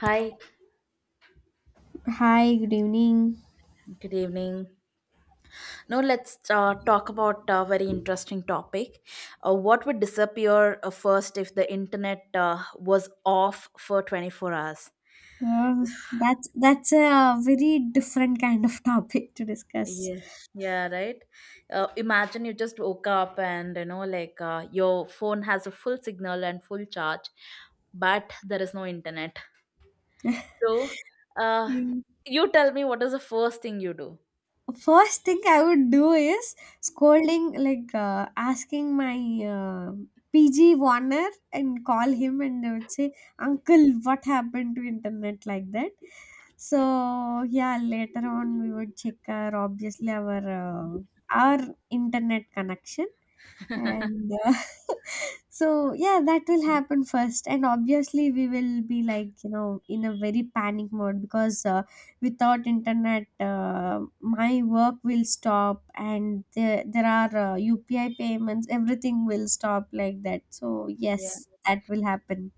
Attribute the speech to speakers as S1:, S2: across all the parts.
S1: Hi,
S2: Hi, good evening.
S1: good evening. Now let's talk about a very interesting topic. What would disappear first if the internet was off for 24 hours?
S2: Uh, that's a very different kind of topic to discuss.
S1: Yeah, yeah, right. Imagine you just woke up and, like, your phone has a full signal and full charge, but there is no internet. So, uh,
S2: Mm.
S1: you tell me what is the first thing you
S2: First thing I would do is scolding, like asking my uh, PG Warner and call him and I would say, "Uncle, what happened to internet like that?" So yeah, later on we would check our obviously our internet connection
S1: do?
S2: and so yeah that will happen first and obviously we will be like you know in a very panic mode because without internet my work will stop and there are upi payments everything will stop like that so yes that will happen.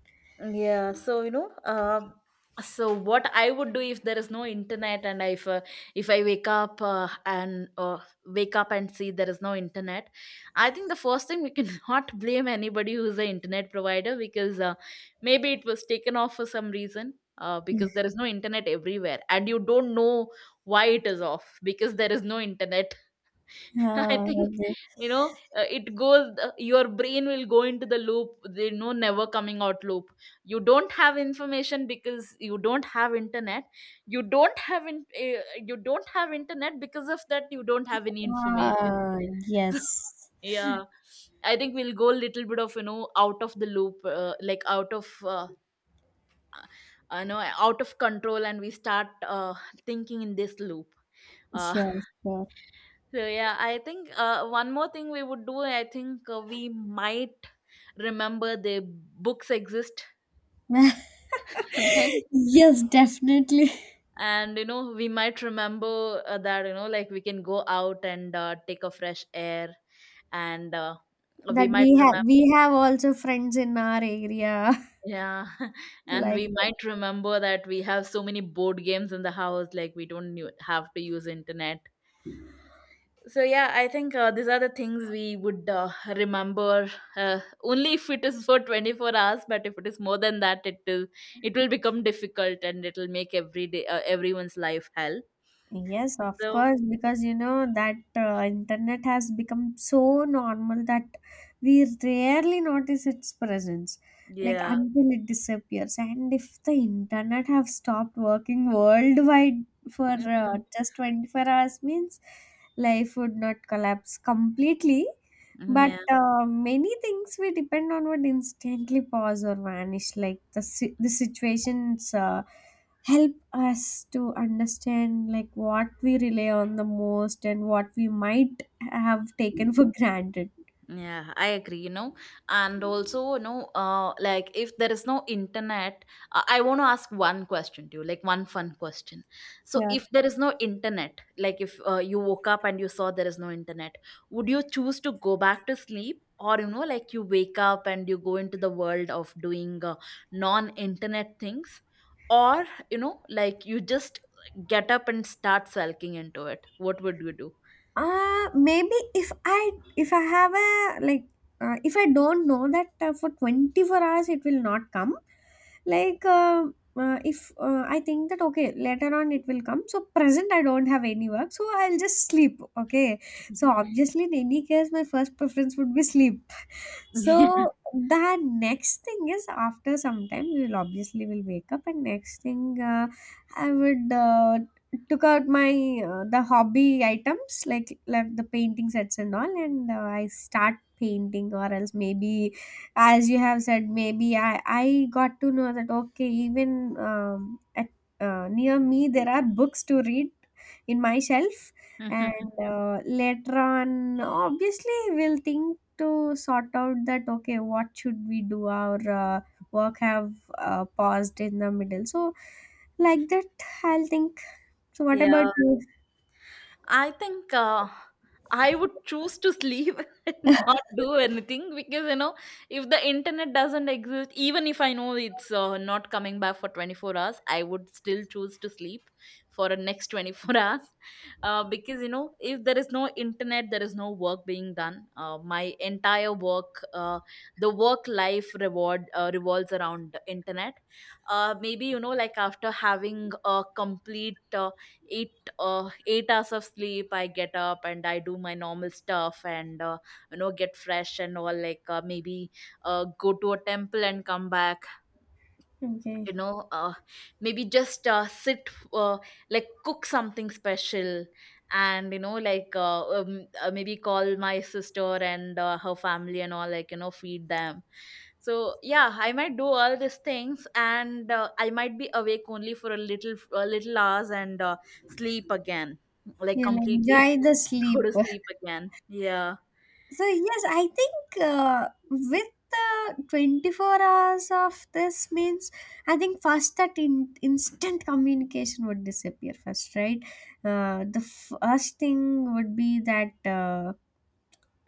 S1: Yeah, so what I would do if there is no internet, and if I wake up and see there is no internet, I think the first thing, we cannot blame anybody who is an internet provider, because maybe it was taken off for some reason. Because there is no internet everywhere, and you don't know why it is off, because there is no internet. I
S2: uh,
S1: think, you know it goes. Your brain will go into the loop. The no never coming out loop. You don't have information, because you don't have internet. You don't have in, uh, you don't have internet, because of that you don't have any information.
S2: uh, yes,
S1: Yeah, I think we'll go a little bit of, out of the loop, like out of, I know, out of control, and we start thinking in this loop. Uh,
S2: sure, sure.
S1: so yeah, I think one more thing we would do. I think we might remember the books exist. Right?
S2: Yes, definitely.
S1: And we might remember that, like, we can go out and take a fresh air, and
S2: That
S1: we might
S2: we have
S1: remember.
S2: we have also friends in our area.
S1: Yeah, and
S2: Like,
S1: we might remember that we have so many board games in the house, like we don't have to use internet. So yeah, I think these are the things we would remember, only if it is for 24 hours. But if it is more than that, it will become difficult, and it will make every day, everyone's life hell.
S2: yes, of
S1: So
S2: course, because you know that internet has become so normal that we rarely notice its presence, like
S1: yeah.
S2: until it disappears. And if the internet have stopped working worldwide for
S1: Mhm.
S2: just 24 hours means life would not collapse completely, but many things we depend on would instantly pause or vanish, like the the situations. Help us to understand like what we rely on the most and what we might have taken
S1: Yeah.
S2: for granted.
S1: Yeah, I agree. And also, like, if there is no internet, I want to ask one question to you, like one fun question. So,
S2: Yeah,
S1: if there is no internet, like if you woke up and you saw there is no internet, would you choose to go back to sleep? Or, like, you wake up and you go into the world of doing non internet things? Or, like, you just get up and start sulking into it? What would you do?
S2: maybe if I have a like if I don't know that for 24 hours it will not come like if I think that okay later on it will come so present I don't have any work so I'll just sleep okay so obviously in any case my first preference would be sleep. So the next thing is after some time we will obviously will wake up and next thing I would took out my the hobby items like the painting sets and all and I start painting or else maybe as you have said maybe i got to know that okay even at near me there are books to read in my shelf and later on obviously we'll think to sort out that okay what should we do our work have paused in the middle so like that I'll think. So what about
S1: Yeah.
S2: you?
S1: I think, I would choose to sleep, and not do anything, because if the internet doesn't exist, even if I know it's not coming back for 24 hours, I would still choose to sleep for the next 24 hours, because if there is no internet, there is no work being done. My entire work, the work life reward revolves around the internet. Maybe like, after having a complete 8 hours of sleep, I get up and I do my normal stuff, and get fresh and all, like maybe go to a temple and come back,
S2: Okay,
S1: you know uh, maybe just sit, like cook something special, and like, maybe call my sister and her family and all, like feed them. So yeah, I might do all these things, and I might be awake only for a little hours, and sleep again, like
S2: you'll
S1: completely.
S2: enjoy the
S1: Go
S2: sleep.
S1: to sleep again. Yeah.
S2: So yes, I think with the 24 hours of this means I think first that instant communication would disappear first, right? The first thing would be that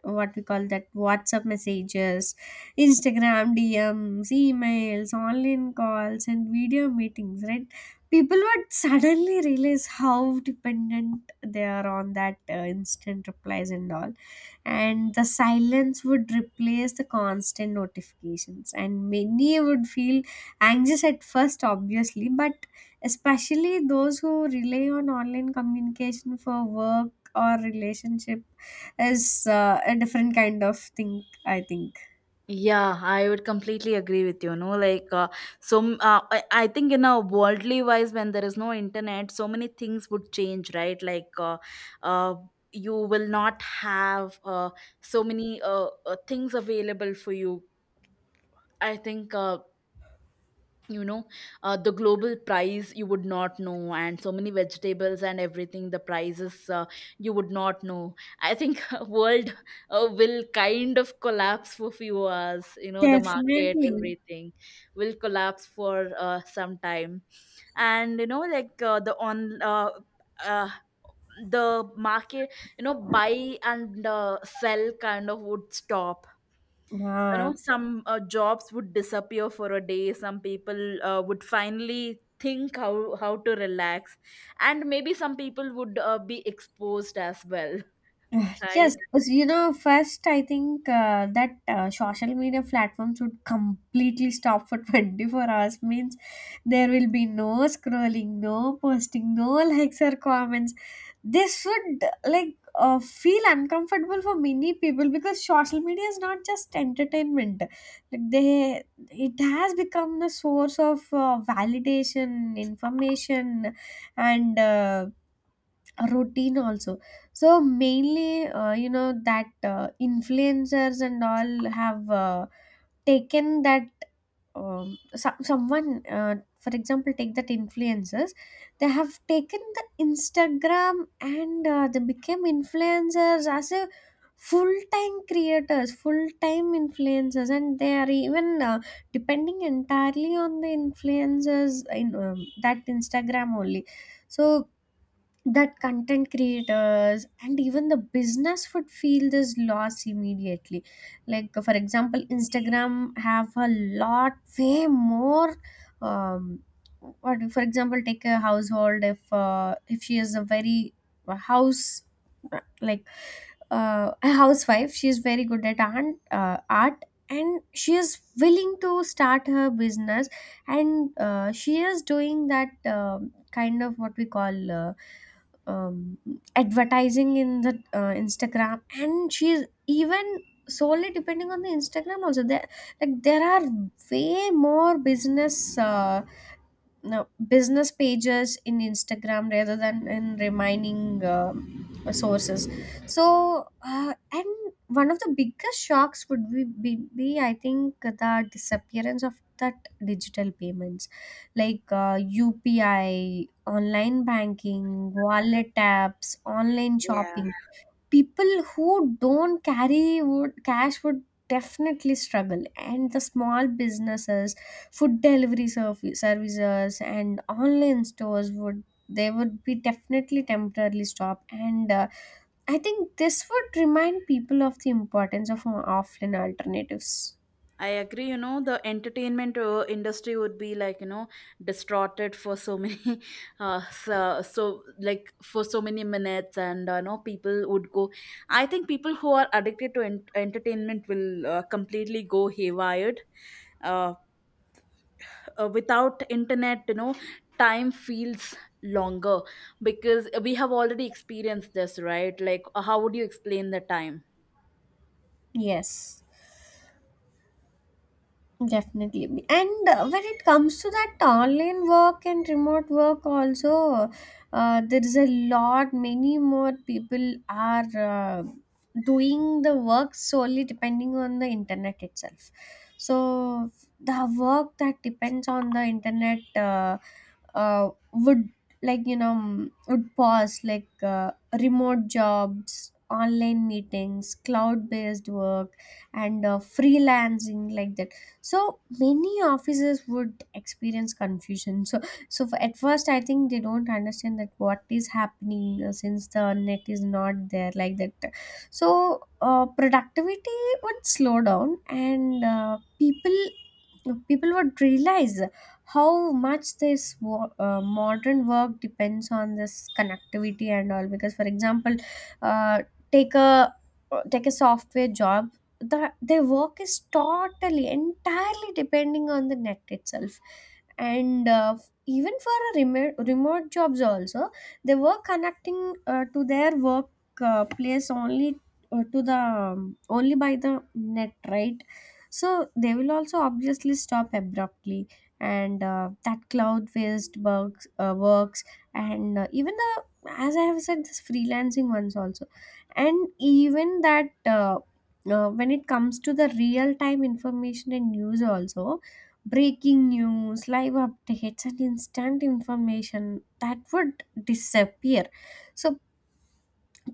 S2: what we call that WhatsApp messages, Instagram DMs, emails, online calls, and video meetings, right? People would suddenly realize how dependent they are on that instant replies and all. And the silence would replace the constant notifications. And many would feel anxious at first, obviously, but especially those who rely on online communication for work or relationship is a different kind of thing I think.
S1: Yeah, I would completely agree with you. No, like, I think, in a worldly wise, when there is no internet, so many things would change, right? Like, uh, you will not have so many, things available for you. I think, you know the global price you would not know, and so many vegetables and everything, the prices, you would not know. I think world will kind of collapse for few hours. The market,
S2: Definitely.
S1: everything will collapse for some time. And like, uh, the market, buy and sell kind of would stop.
S2: Yeah.
S1: Some jobs would disappear for a day. Some people would finally think how to relax, and maybe some people would be exposed as well.
S2: Ugh, yes,
S1: Right.
S2: because, you know, first I think that social media platforms would completely stop for 24 hours means there will be no scrolling, no posting, no likes or comments. This would like feel uncomfortable for many people because social media is not just entertainment. Like they, it has become the source of validation, information, and routine also. So mainly you know that influencers and all have taken that someone for example take that influencers, they have taken the instagram and they became influencers as a full-time creators full-time influencers and they are even depending entirely on the influencers in that instagram only. So that content creators and even the business would feel this loss immediately, like for example instagram have a lot way more um what, for example take a household if she is a very a house like a housewife, she is very good at art and she is willing to start her business and she is doing that kind of what we call um, advertising in the Instagram, and she's even solely depending on the Instagram also. There are way more business no, business pages in Instagram rather than in remaining sources. So, and one of the biggest shocks would be, I think, the disappearance of that digital payments like UPI, online banking, wallet apps, online
S1: Yeah.
S2: shopping. People who don't carry would cash would definitely struggle and the small businesses food delivery services and online stores would, they would be definitely temporarily stop and I think this would remind people of the importance of offline alternatives.
S1: I agree, the entertainment industry would be like, distorted for so many, uh, so, so, like, for so many minutes, and people would go. I think people who are addicted to entertainment will completely go haywired. Uh, without internet, time feels longer, because we have already experienced this, right? Like, how would you explain the time?
S2: Yes, definitely. And when it comes to that online work and remote work, also, there is a lot, many more people are doing the work solely depending on the internet itself. So, the work that depends on the internet would, like, you know, would pause, like remote jobs, online meetings, cloud based work, and freelancing, like that. So many officers would experience confusion, so so for, at first I think they don't understand that what is happening since the net is not there like that. So productivity would slow down and people would realize how much this modern work depends on this connectivity and all because for example uh, take a take a software job, the their work is totally entirely depending on the net itself. And even for a remote jobs also, they were connecting to their work place only to the only by the net, right? So they will also obviously stop abruptly. And that cloud based bugs works, and even the, as I have said this freelancing ones also. And even that when it comes to the real time information and news also, breaking news live updates and instant information that would disappear. So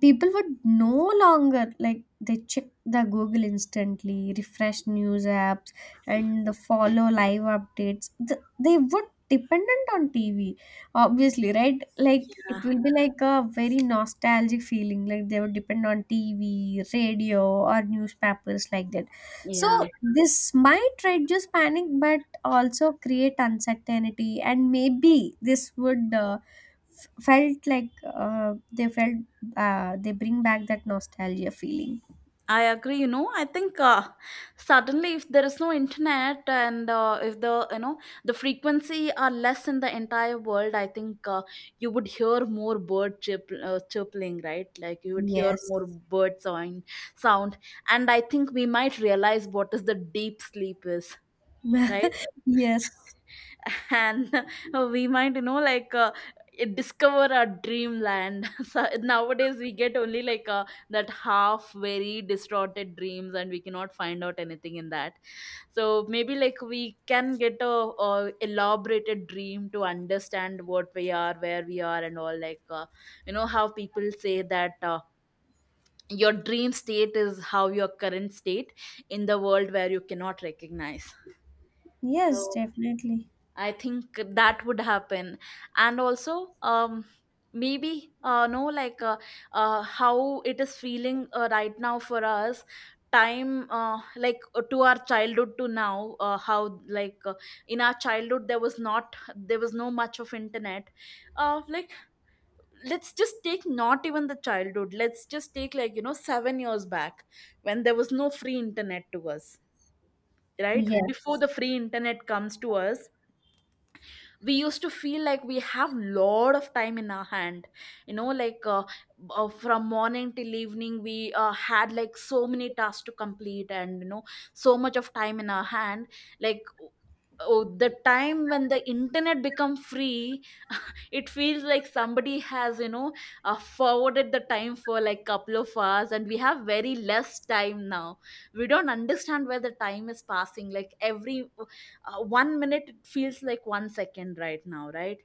S2: people would no longer like they check the google instantly refresh news apps and the follow live updates. They would dependent on tv obviously, right? Like
S1: Yeah,
S2: it will be like a very nostalgic feeling, like they would depend on tv radio or newspapers like that. So
S1: yeah,
S2: this might reduce panic but also create uncertainty and maybe this would felt like they felt they bring back that nostalgia feeling.
S1: I agree, I think, suddenly if there is no internet, and if the you know the frequency are less in the entire world, I think, you would hear more bird chirping, right? Like, you would hear
S2: Yes.
S1: more bird sound. And I think we might realize what is the deep sleep is, right?
S2: Yes.
S1: And we might, like, discover our dreamland. So nowadays we get only like, that half very distorted dreams, and we cannot find out anything in that. So maybe, like, we can get a elaborated dream to understand what we are, where we are, and all, like, you know how people say that, your dream state is how your current state, in the world where you cannot recognize.
S2: Yes,
S1: So
S2: definitely.
S1: I think that would happen. And also, maybe, no, like, how it is feeling right now for us, time, like, to our childhood to now, how, like, in our childhood, there was no much of internet, like, let's just take, not even the childhood, let's just take like, 7 years back, when there was no free internet to us, right? Before
S2: Yes.
S1: the free internet comes to us, we used to feel like we have lot of time in our hand, like, from morning till evening, we had like so many tasks to complete, and so much of time in our hand. Like, oh, the time when the internet become free, it feels like somebody has, forwarded the time for like couple of hours, and we have very less time now. We don't understand where the time is passing, like every 1 minute it feels like 1 second right now, right?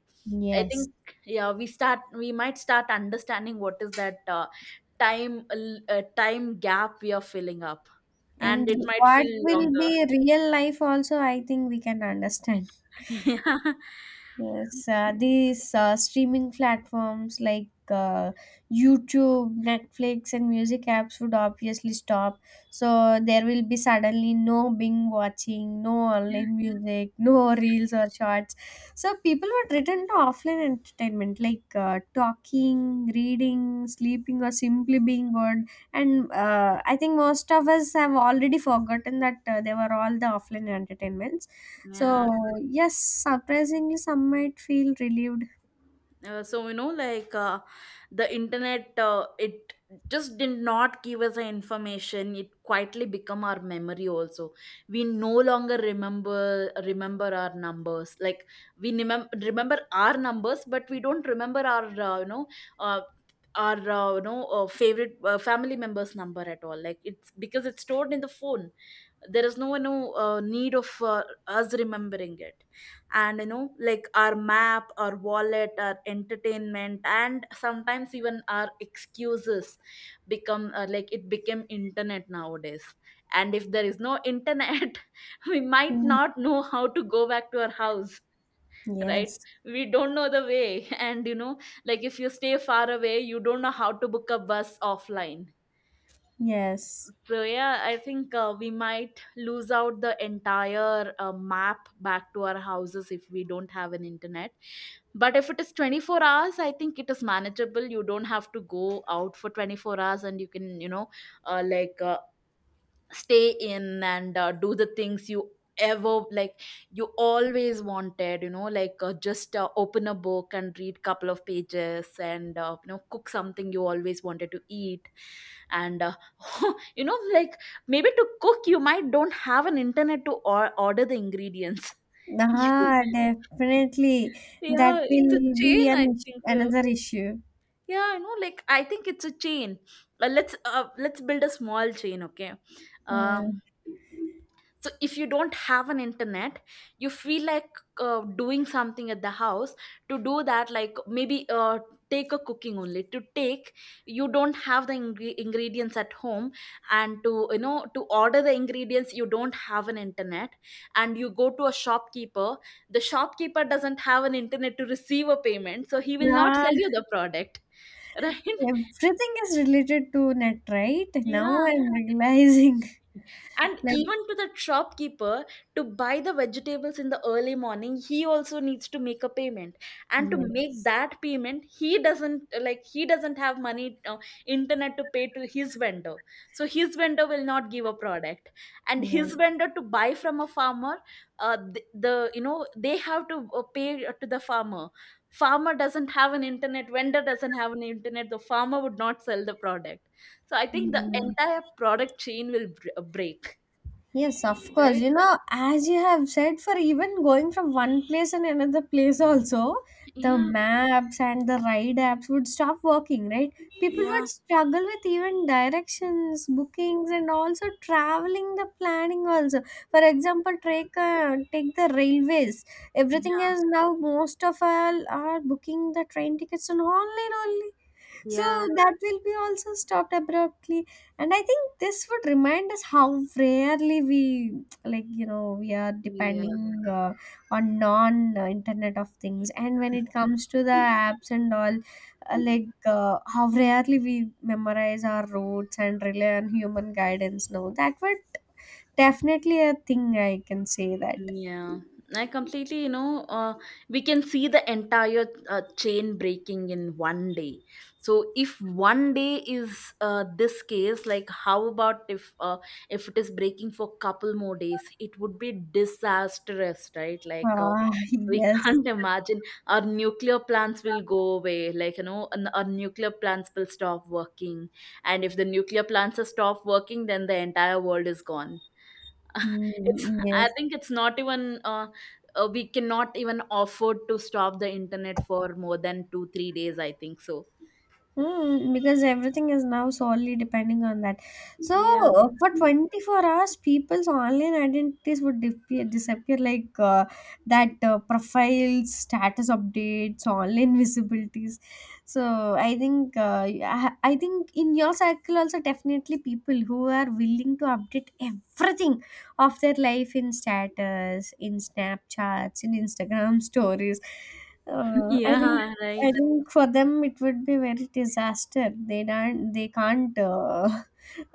S1: I
S2: Yes.
S1: think, yeah, we might start understanding what is that, time, time gap we are filling up, and
S2: And
S1: it might
S2: what
S1: feel
S2: will
S1: longer.
S2: be real life also, I think we can understand.
S1: Yeah,
S2: Yes, these streaming platforms like YouTube, Netflix, and music apps would obviously stop. So there will be suddenly no Bing watching, no online music, no reels or shorts. So people would return to offline entertainment like talking, reading, sleeping, or simply being bored. And I think most of us have already forgotten that they were all the offline entertainments, so,
S1: yeah.
S2: yes, surprisingly, some might feel relieved.
S1: So, like, the internet, it just did not give us the information, it quietly become our memory also. We no longer remember our numbers, like, we remember our numbers, but we don't remember our you know uh, our you know favorite family members number at all, like, it's because it's stored in the phone. There is no, need of, us remembering it. And like, our map, our wallet, our entertainment, and sometimes even our excuses become like, it became internet nowadays. And if there is no internet, we might
S2: Hmm.
S1: not know how to go back to our house, right?
S2: Yes,
S1: We don't know the way. And like, if you stay far away, you don't know how to book a bus offline.
S2: yes.
S1: So yeah, I think we might lose out the entire map back to our houses, if we don't have an internet. But if it is 24 hours, I think it is manageable. You don't have to go out for 24 hours and you can, uh, like uh, stay in and do the things you ever like you always wanted, you know like just open a book and read couple of pages and cook something you always wanted to eat and you know like Maybe to cook you might don't have an internet to order the ingredients. You-
S2: Ah, definitely. That
S1: yeah, it's a
S2: will
S1: chain,
S2: be
S1: I
S2: an issue,
S1: think so.
S2: another issue.
S1: Yeah, I know, like, I think it's a chain. Let's let's build a small chain, okay?
S2: Uh,
S1: uh, so if you don't have an internet, you feel like doing something at the house. To do that, like maybe take a cooking only to take, you don't have the ingredients at home, and to to order the ingredients you don't have an internet. And you go to a shopkeeper. The shopkeeper doesn't have an internet to receive a payment, so he will not
S2: ah,
S1: sell you the product. Right?
S2: everything is related to net, right? Now
S1: Yeah.
S2: I'm realizing.
S1: And
S2: Like,
S1: even to the shopkeeper, to buy the vegetables in the early morning, he also needs to make a payment. And to make
S2: yes,
S1: that payment, he doesn't have money, internet to pay to his vendor. So his vendor will not give a product. And his vendor to buy from a farmer, they have to pay to the farmer. Farmer doesn't have an internet, vendor doesn't have an internet, the farmer would not sell the product. So I think the
S2: yes.
S1: entire product chain will break,
S2: Yes, of course.
S1: right?
S2: You know, as you have said, for even going from one place and another place, also, the
S1: Yeah,
S2: maps and the ride apps would stop working, right? People
S1: yeah,
S2: would struggle with even directions, bookings, and also traveling the planning, also. For example, take the railways. Everything
S1: yeah,
S2: is now, most of all are booking the train tickets on online only. So
S1: yeah,
S2: that will be also stopped abruptly. And I think this would remind us how rarely we, like, you know, we are
S1: yeah,
S2: depending on non Internet of Things. And when it comes to the apps and all, how rarely we memorize our routes and rely on human guidance now. That would definitely a thing I can say that.
S1: yeah. I completely, you know, we can see the entire chain breaking in one day. So if one day is this case, like how about if it is breaking for couple more days, it would be disastrous, right?
S2: Ah,
S1: We
S2: yes.
S1: can't imagine, our nuclear plants will go away. Like, you know, and our nuclear plants will stop working. And if the nuclear plants are stopped working, then the entire world is gone. It's,
S2: Mm,
S1: I
S2: yes.
S1: think it's not even, we cannot even afford to stop the internet for more than two, 3 days, I think so.
S2: Mm, because everything is now solely depending on that. So
S1: Yeah.
S2: for 24 hours, people's online identities would disappear like that profiles, status updates, online visibilities. So I think I think in your circle also definitely people who are willing to update everything of their life in status, in Snapchats, in Instagram stories. Uh, I think
S1: Yeah,
S2: I
S1: right.
S2: think for them it would be very disaster. They can't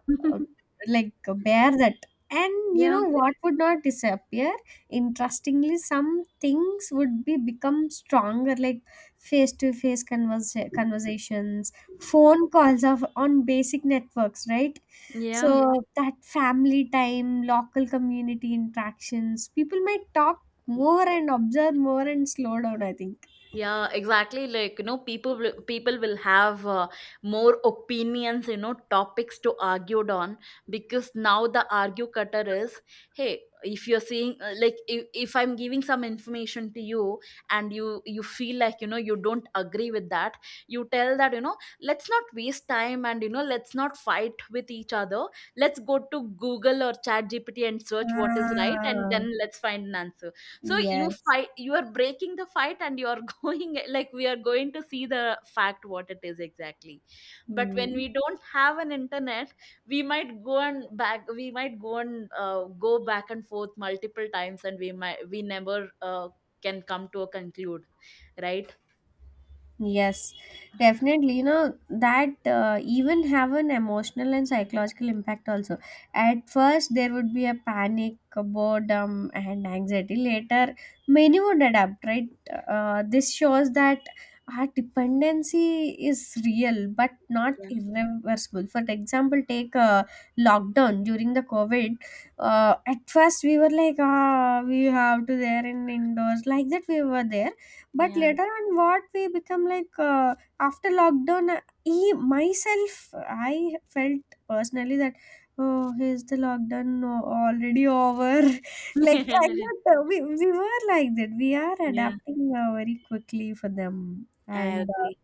S2: like bear that. And you
S1: Yeah,
S2: know what would not disappear? Interestingly, some things would be become stronger, like face-to-face conversations, phone calls of on basic networks, right?
S1: yeah.
S2: So that family time, local community interactions, people might talk more and observe more and slow down, I think.
S1: Yeah, exactly. Like, you know, people will have more opinions, you know, topics to argue on, because now the argue cutter is, hey, if you're seeing like if I'm giving some information to you and you feel like, you know, you don't agree with that, you tell that, you know, let's not waste time and, you know, let's not fight with each other. Let's go to Google or Chat GPT and search what is right and
S2: Ah.
S1: then let's find an answer. So you
S2: Yes.
S1: fight, you are breaking the fight, and you are going like we are going to see the fact what it is exactly. But when
S2: Mm.
S1: we don't have an internet, we might go and back, we might go and go back and forth multiple times, and we might we never can come to a conclude, right?
S2: Yes, definitely. You know, that even have an emotional and psychological impact also. At first, there would be a panic, a boredom, and anxiety. Later, many would adapt, right? This shows that our dependency is real but not
S1: Yeah,
S2: irreversible. For example, take a lockdown during the COVID. At first, we were like, ah, we have to there in indoors. Like that, we were there but
S1: yeah,
S2: later on what we become like after lockdown he myself I felt personally that oh here's the lockdown already over like that we were like that we are
S1: yeah.
S2: adapting very quickly for them
S1: I
S2: and
S1: agree.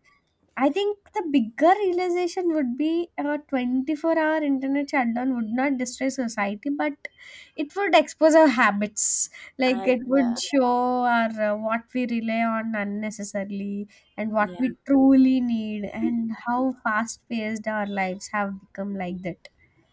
S2: I think the bigger realization would be a 24-hour internet shutdown would not destroy society, but it would expose our habits. Like
S1: I
S2: it would show our what we rely on unnecessarily and what we
S1: Yeah,
S2: truly need
S1: yeah.
S2: and how fast paced our lives have become like that.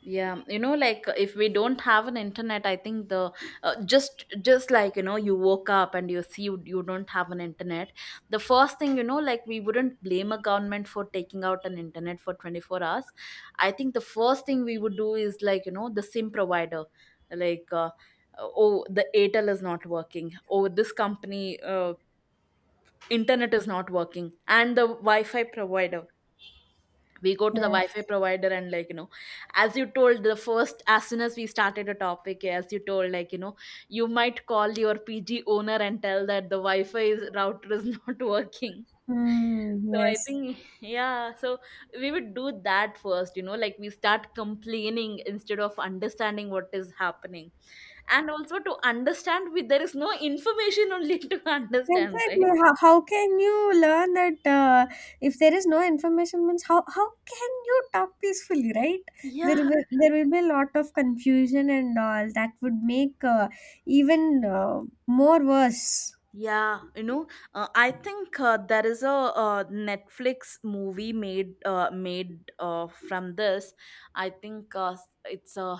S1: Yeah, if we don't have an internet, I think the just like, you know, you woke up and you see, you don't have an internet. The first thing, you know, like, we wouldn't blame a government for taking out an internet for 24 hours. I think the first thing we would do is like, you know, the sim provider, like uh, oh, the Atel is not working, oh, this company internet is not working, and the wi-fi provider. We go to the wi-fi
S2: Yes.
S1: provider and, like, you know, as you told, the first, as soon as we started a topic, as you told, like, you know, you might call your PG owner and tell that the wi-fi is, router is not working.
S2: Hmm.
S1: So I
S2: Yes.
S1: think, yeah, so we would do that first, you know, like, we start complaining instead of understanding what is happening. And also to understand, there is no information only to understand, right?
S2: Exactly. How can you learn that if there is no information means how can you talk peacefully, right?
S1: Yeah.
S2: There will be a lot of confusion and all that would make even more worse.
S1: Yeah, you know, I think there is a Netflix movie made, from this. I think it's a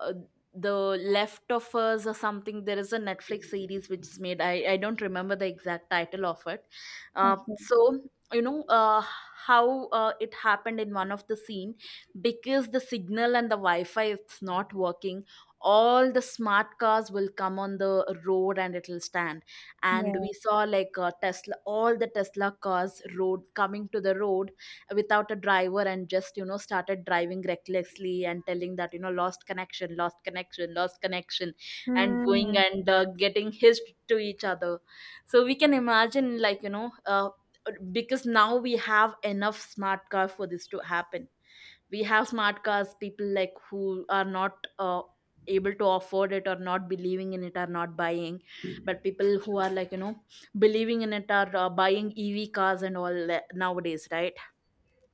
S1: uh, the left of us or something. There is a Netflix series which is made, I don't remember the exact title of it. uh,
S2: Okay.
S1: so you know, how it happened in one of the scene, because the signal and the wi-fi, it's not working, all the smart cars will come on the road and it'll stand. And
S2: Yeah.
S1: we saw like Tesla, all the Tesla cars road coming to the road without a driver and just, you know, started driving recklessly and telling that, you know, lost connection, lost connection, lost connection, and going
S2: Hmm.
S1: and getting hitched to each other. So we can imagine, like, you know, because now we have enough smart car for this to happen. We have smart cars, people like who are not able to afford it or not believing in it are not buying, but people who are, like, you know, believing in it are buying EV cars and all that nowadays, right?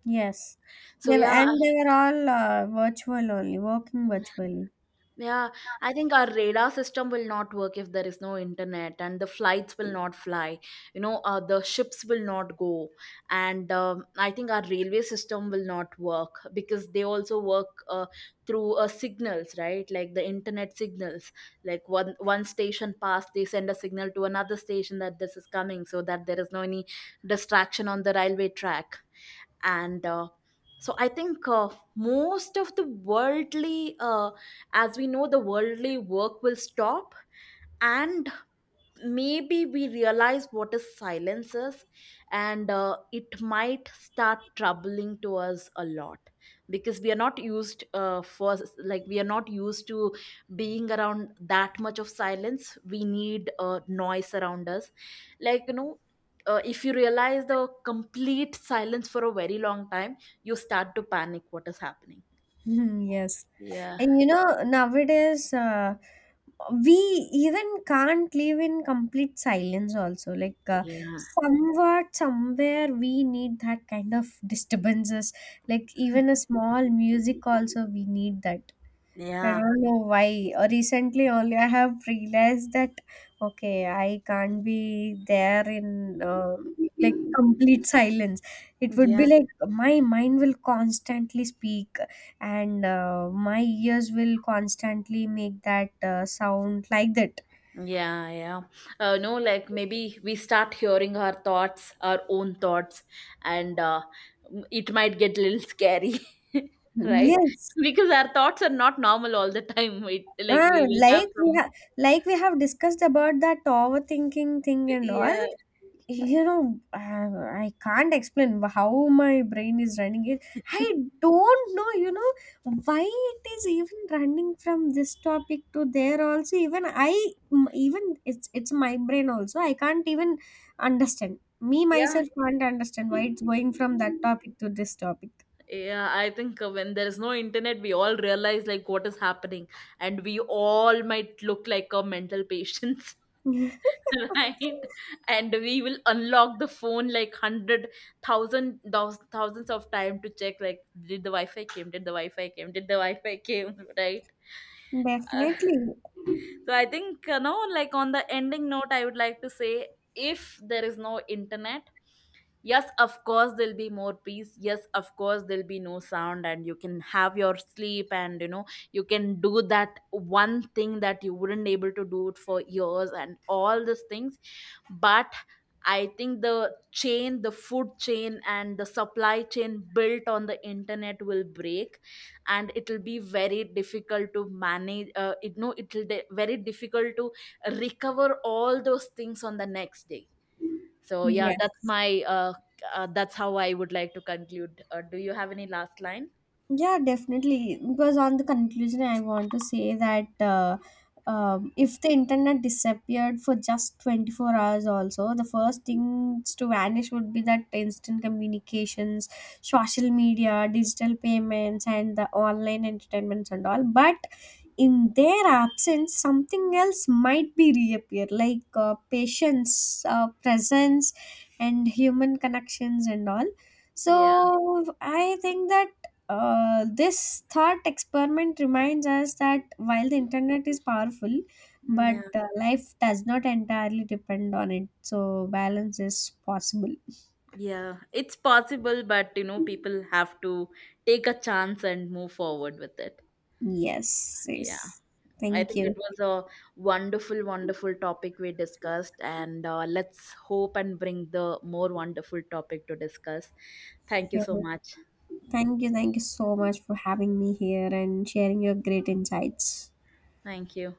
S2: Yes.
S1: So
S2: They were,
S1: yeah.
S2: and they were all virtual only, working virtually.
S1: Yeah, I think our radar system will not work if there is no internet, and the flights will not fly. You know, the ships will not go, and I think our railway system will not work because they also work through signals, right? Like the internet signals. Like, one station passed, they send a signal to another station that this is coming, so that there is no any distraction on the railway track. And I think most of the worldly as we know, the worldly work will stop, and maybe we realize what is silence is, and it might start troubling to us a lot, because we are not used to being around that much of silence. We need noise around us, like, you know. If you realize the complete silence for a very long time, you start to panic what is happening.
S2: Mhm, yes.
S1: Yeah.
S2: And you know, nowadays, we even can't live in complete silence, also. Like,
S1: Yeah.
S2: somewhat, somewhere, we need that kind of disturbances. Like, even a small music, also, we need that. I
S1: Yeah.
S2: don't know why. Recently, only I have realized that okay, I can't be there in like complete silence. It would be
S1: Yeah.
S2: like my mind will constantly speak, and my ears will constantly make that sound like that.
S1: Yeah, yeah. No, like maybe we start hearing our thoughts, our own thoughts, and it might get a little scary, right?
S2: Yes.
S1: Because our thoughts are not normal all the time. It like
S2: Ah,
S1: we will have
S2: like we
S1: some.
S2: have like we have discussed about that overthinking thing and all.
S1: Yeah,
S2: You know I can't explain how my brain is running it. I don't know, you know, why it is even running from this topic to there also. Even even it's my brain also, I can't even understand me
S1: yeah.
S2: myself, can't understand why it's going from that topic to this topic.
S1: Yeah, I think when there is no internet, we all realize like what is happening, and we all might look like a mental patients, right? And we will unlock the phone like 100,000 thousands of time to check like, did the Wi-Fi came, did the Wi-Fi came, did the Wi-Fi came, right? Uh,
S2: Definitely.
S1: so I think, you know, like on the ending note, I would like to say, if there is no internet, yes, of course there'll be more peace, yes, of course there'll be no sound and you can have your sleep, and, you know, you can do that one thing that you wouldn't able to do it for years and all these things. But I think the chain, the food chain and the supply chain built on the internet will break, and it'll be very difficult to manage, it no it'll de- very difficult to recover all those things on the next day. So yeah,
S2: Yes.
S1: that's how I would like to conclude. Do you have any last line?
S2: Yeah, definitely. Because on the conclusion, I want to say that if the internet disappeared for just 24 hours, also, the first things to vanish would be that instant communications, social media, digital payments, and the online entertainments and all. But in their absence, something else might be reappear, like patience, presence, and human connections and all.
S1: Yeah.
S2: So I think that this thought experiment reminds us that while the internet is powerful, but
S1: Yeah.
S2: life does not entirely depend on it. So balance is possible.
S1: Yeah. It's possible, but, you know, people have to take a chance and move forward with it.
S2: Yes,
S1: Yeah.
S2: yes.
S1: I
S2: Thank
S1: think
S2: you.
S1: it was a wonderful, wonderful topic we discussed, and let's hope and bring the more wonderful topic to discuss. Thank you
S2: Yeah.
S1: so much.
S2: Thank you. Thank you so much for having me here and sharing your great insights.
S1: Thank you.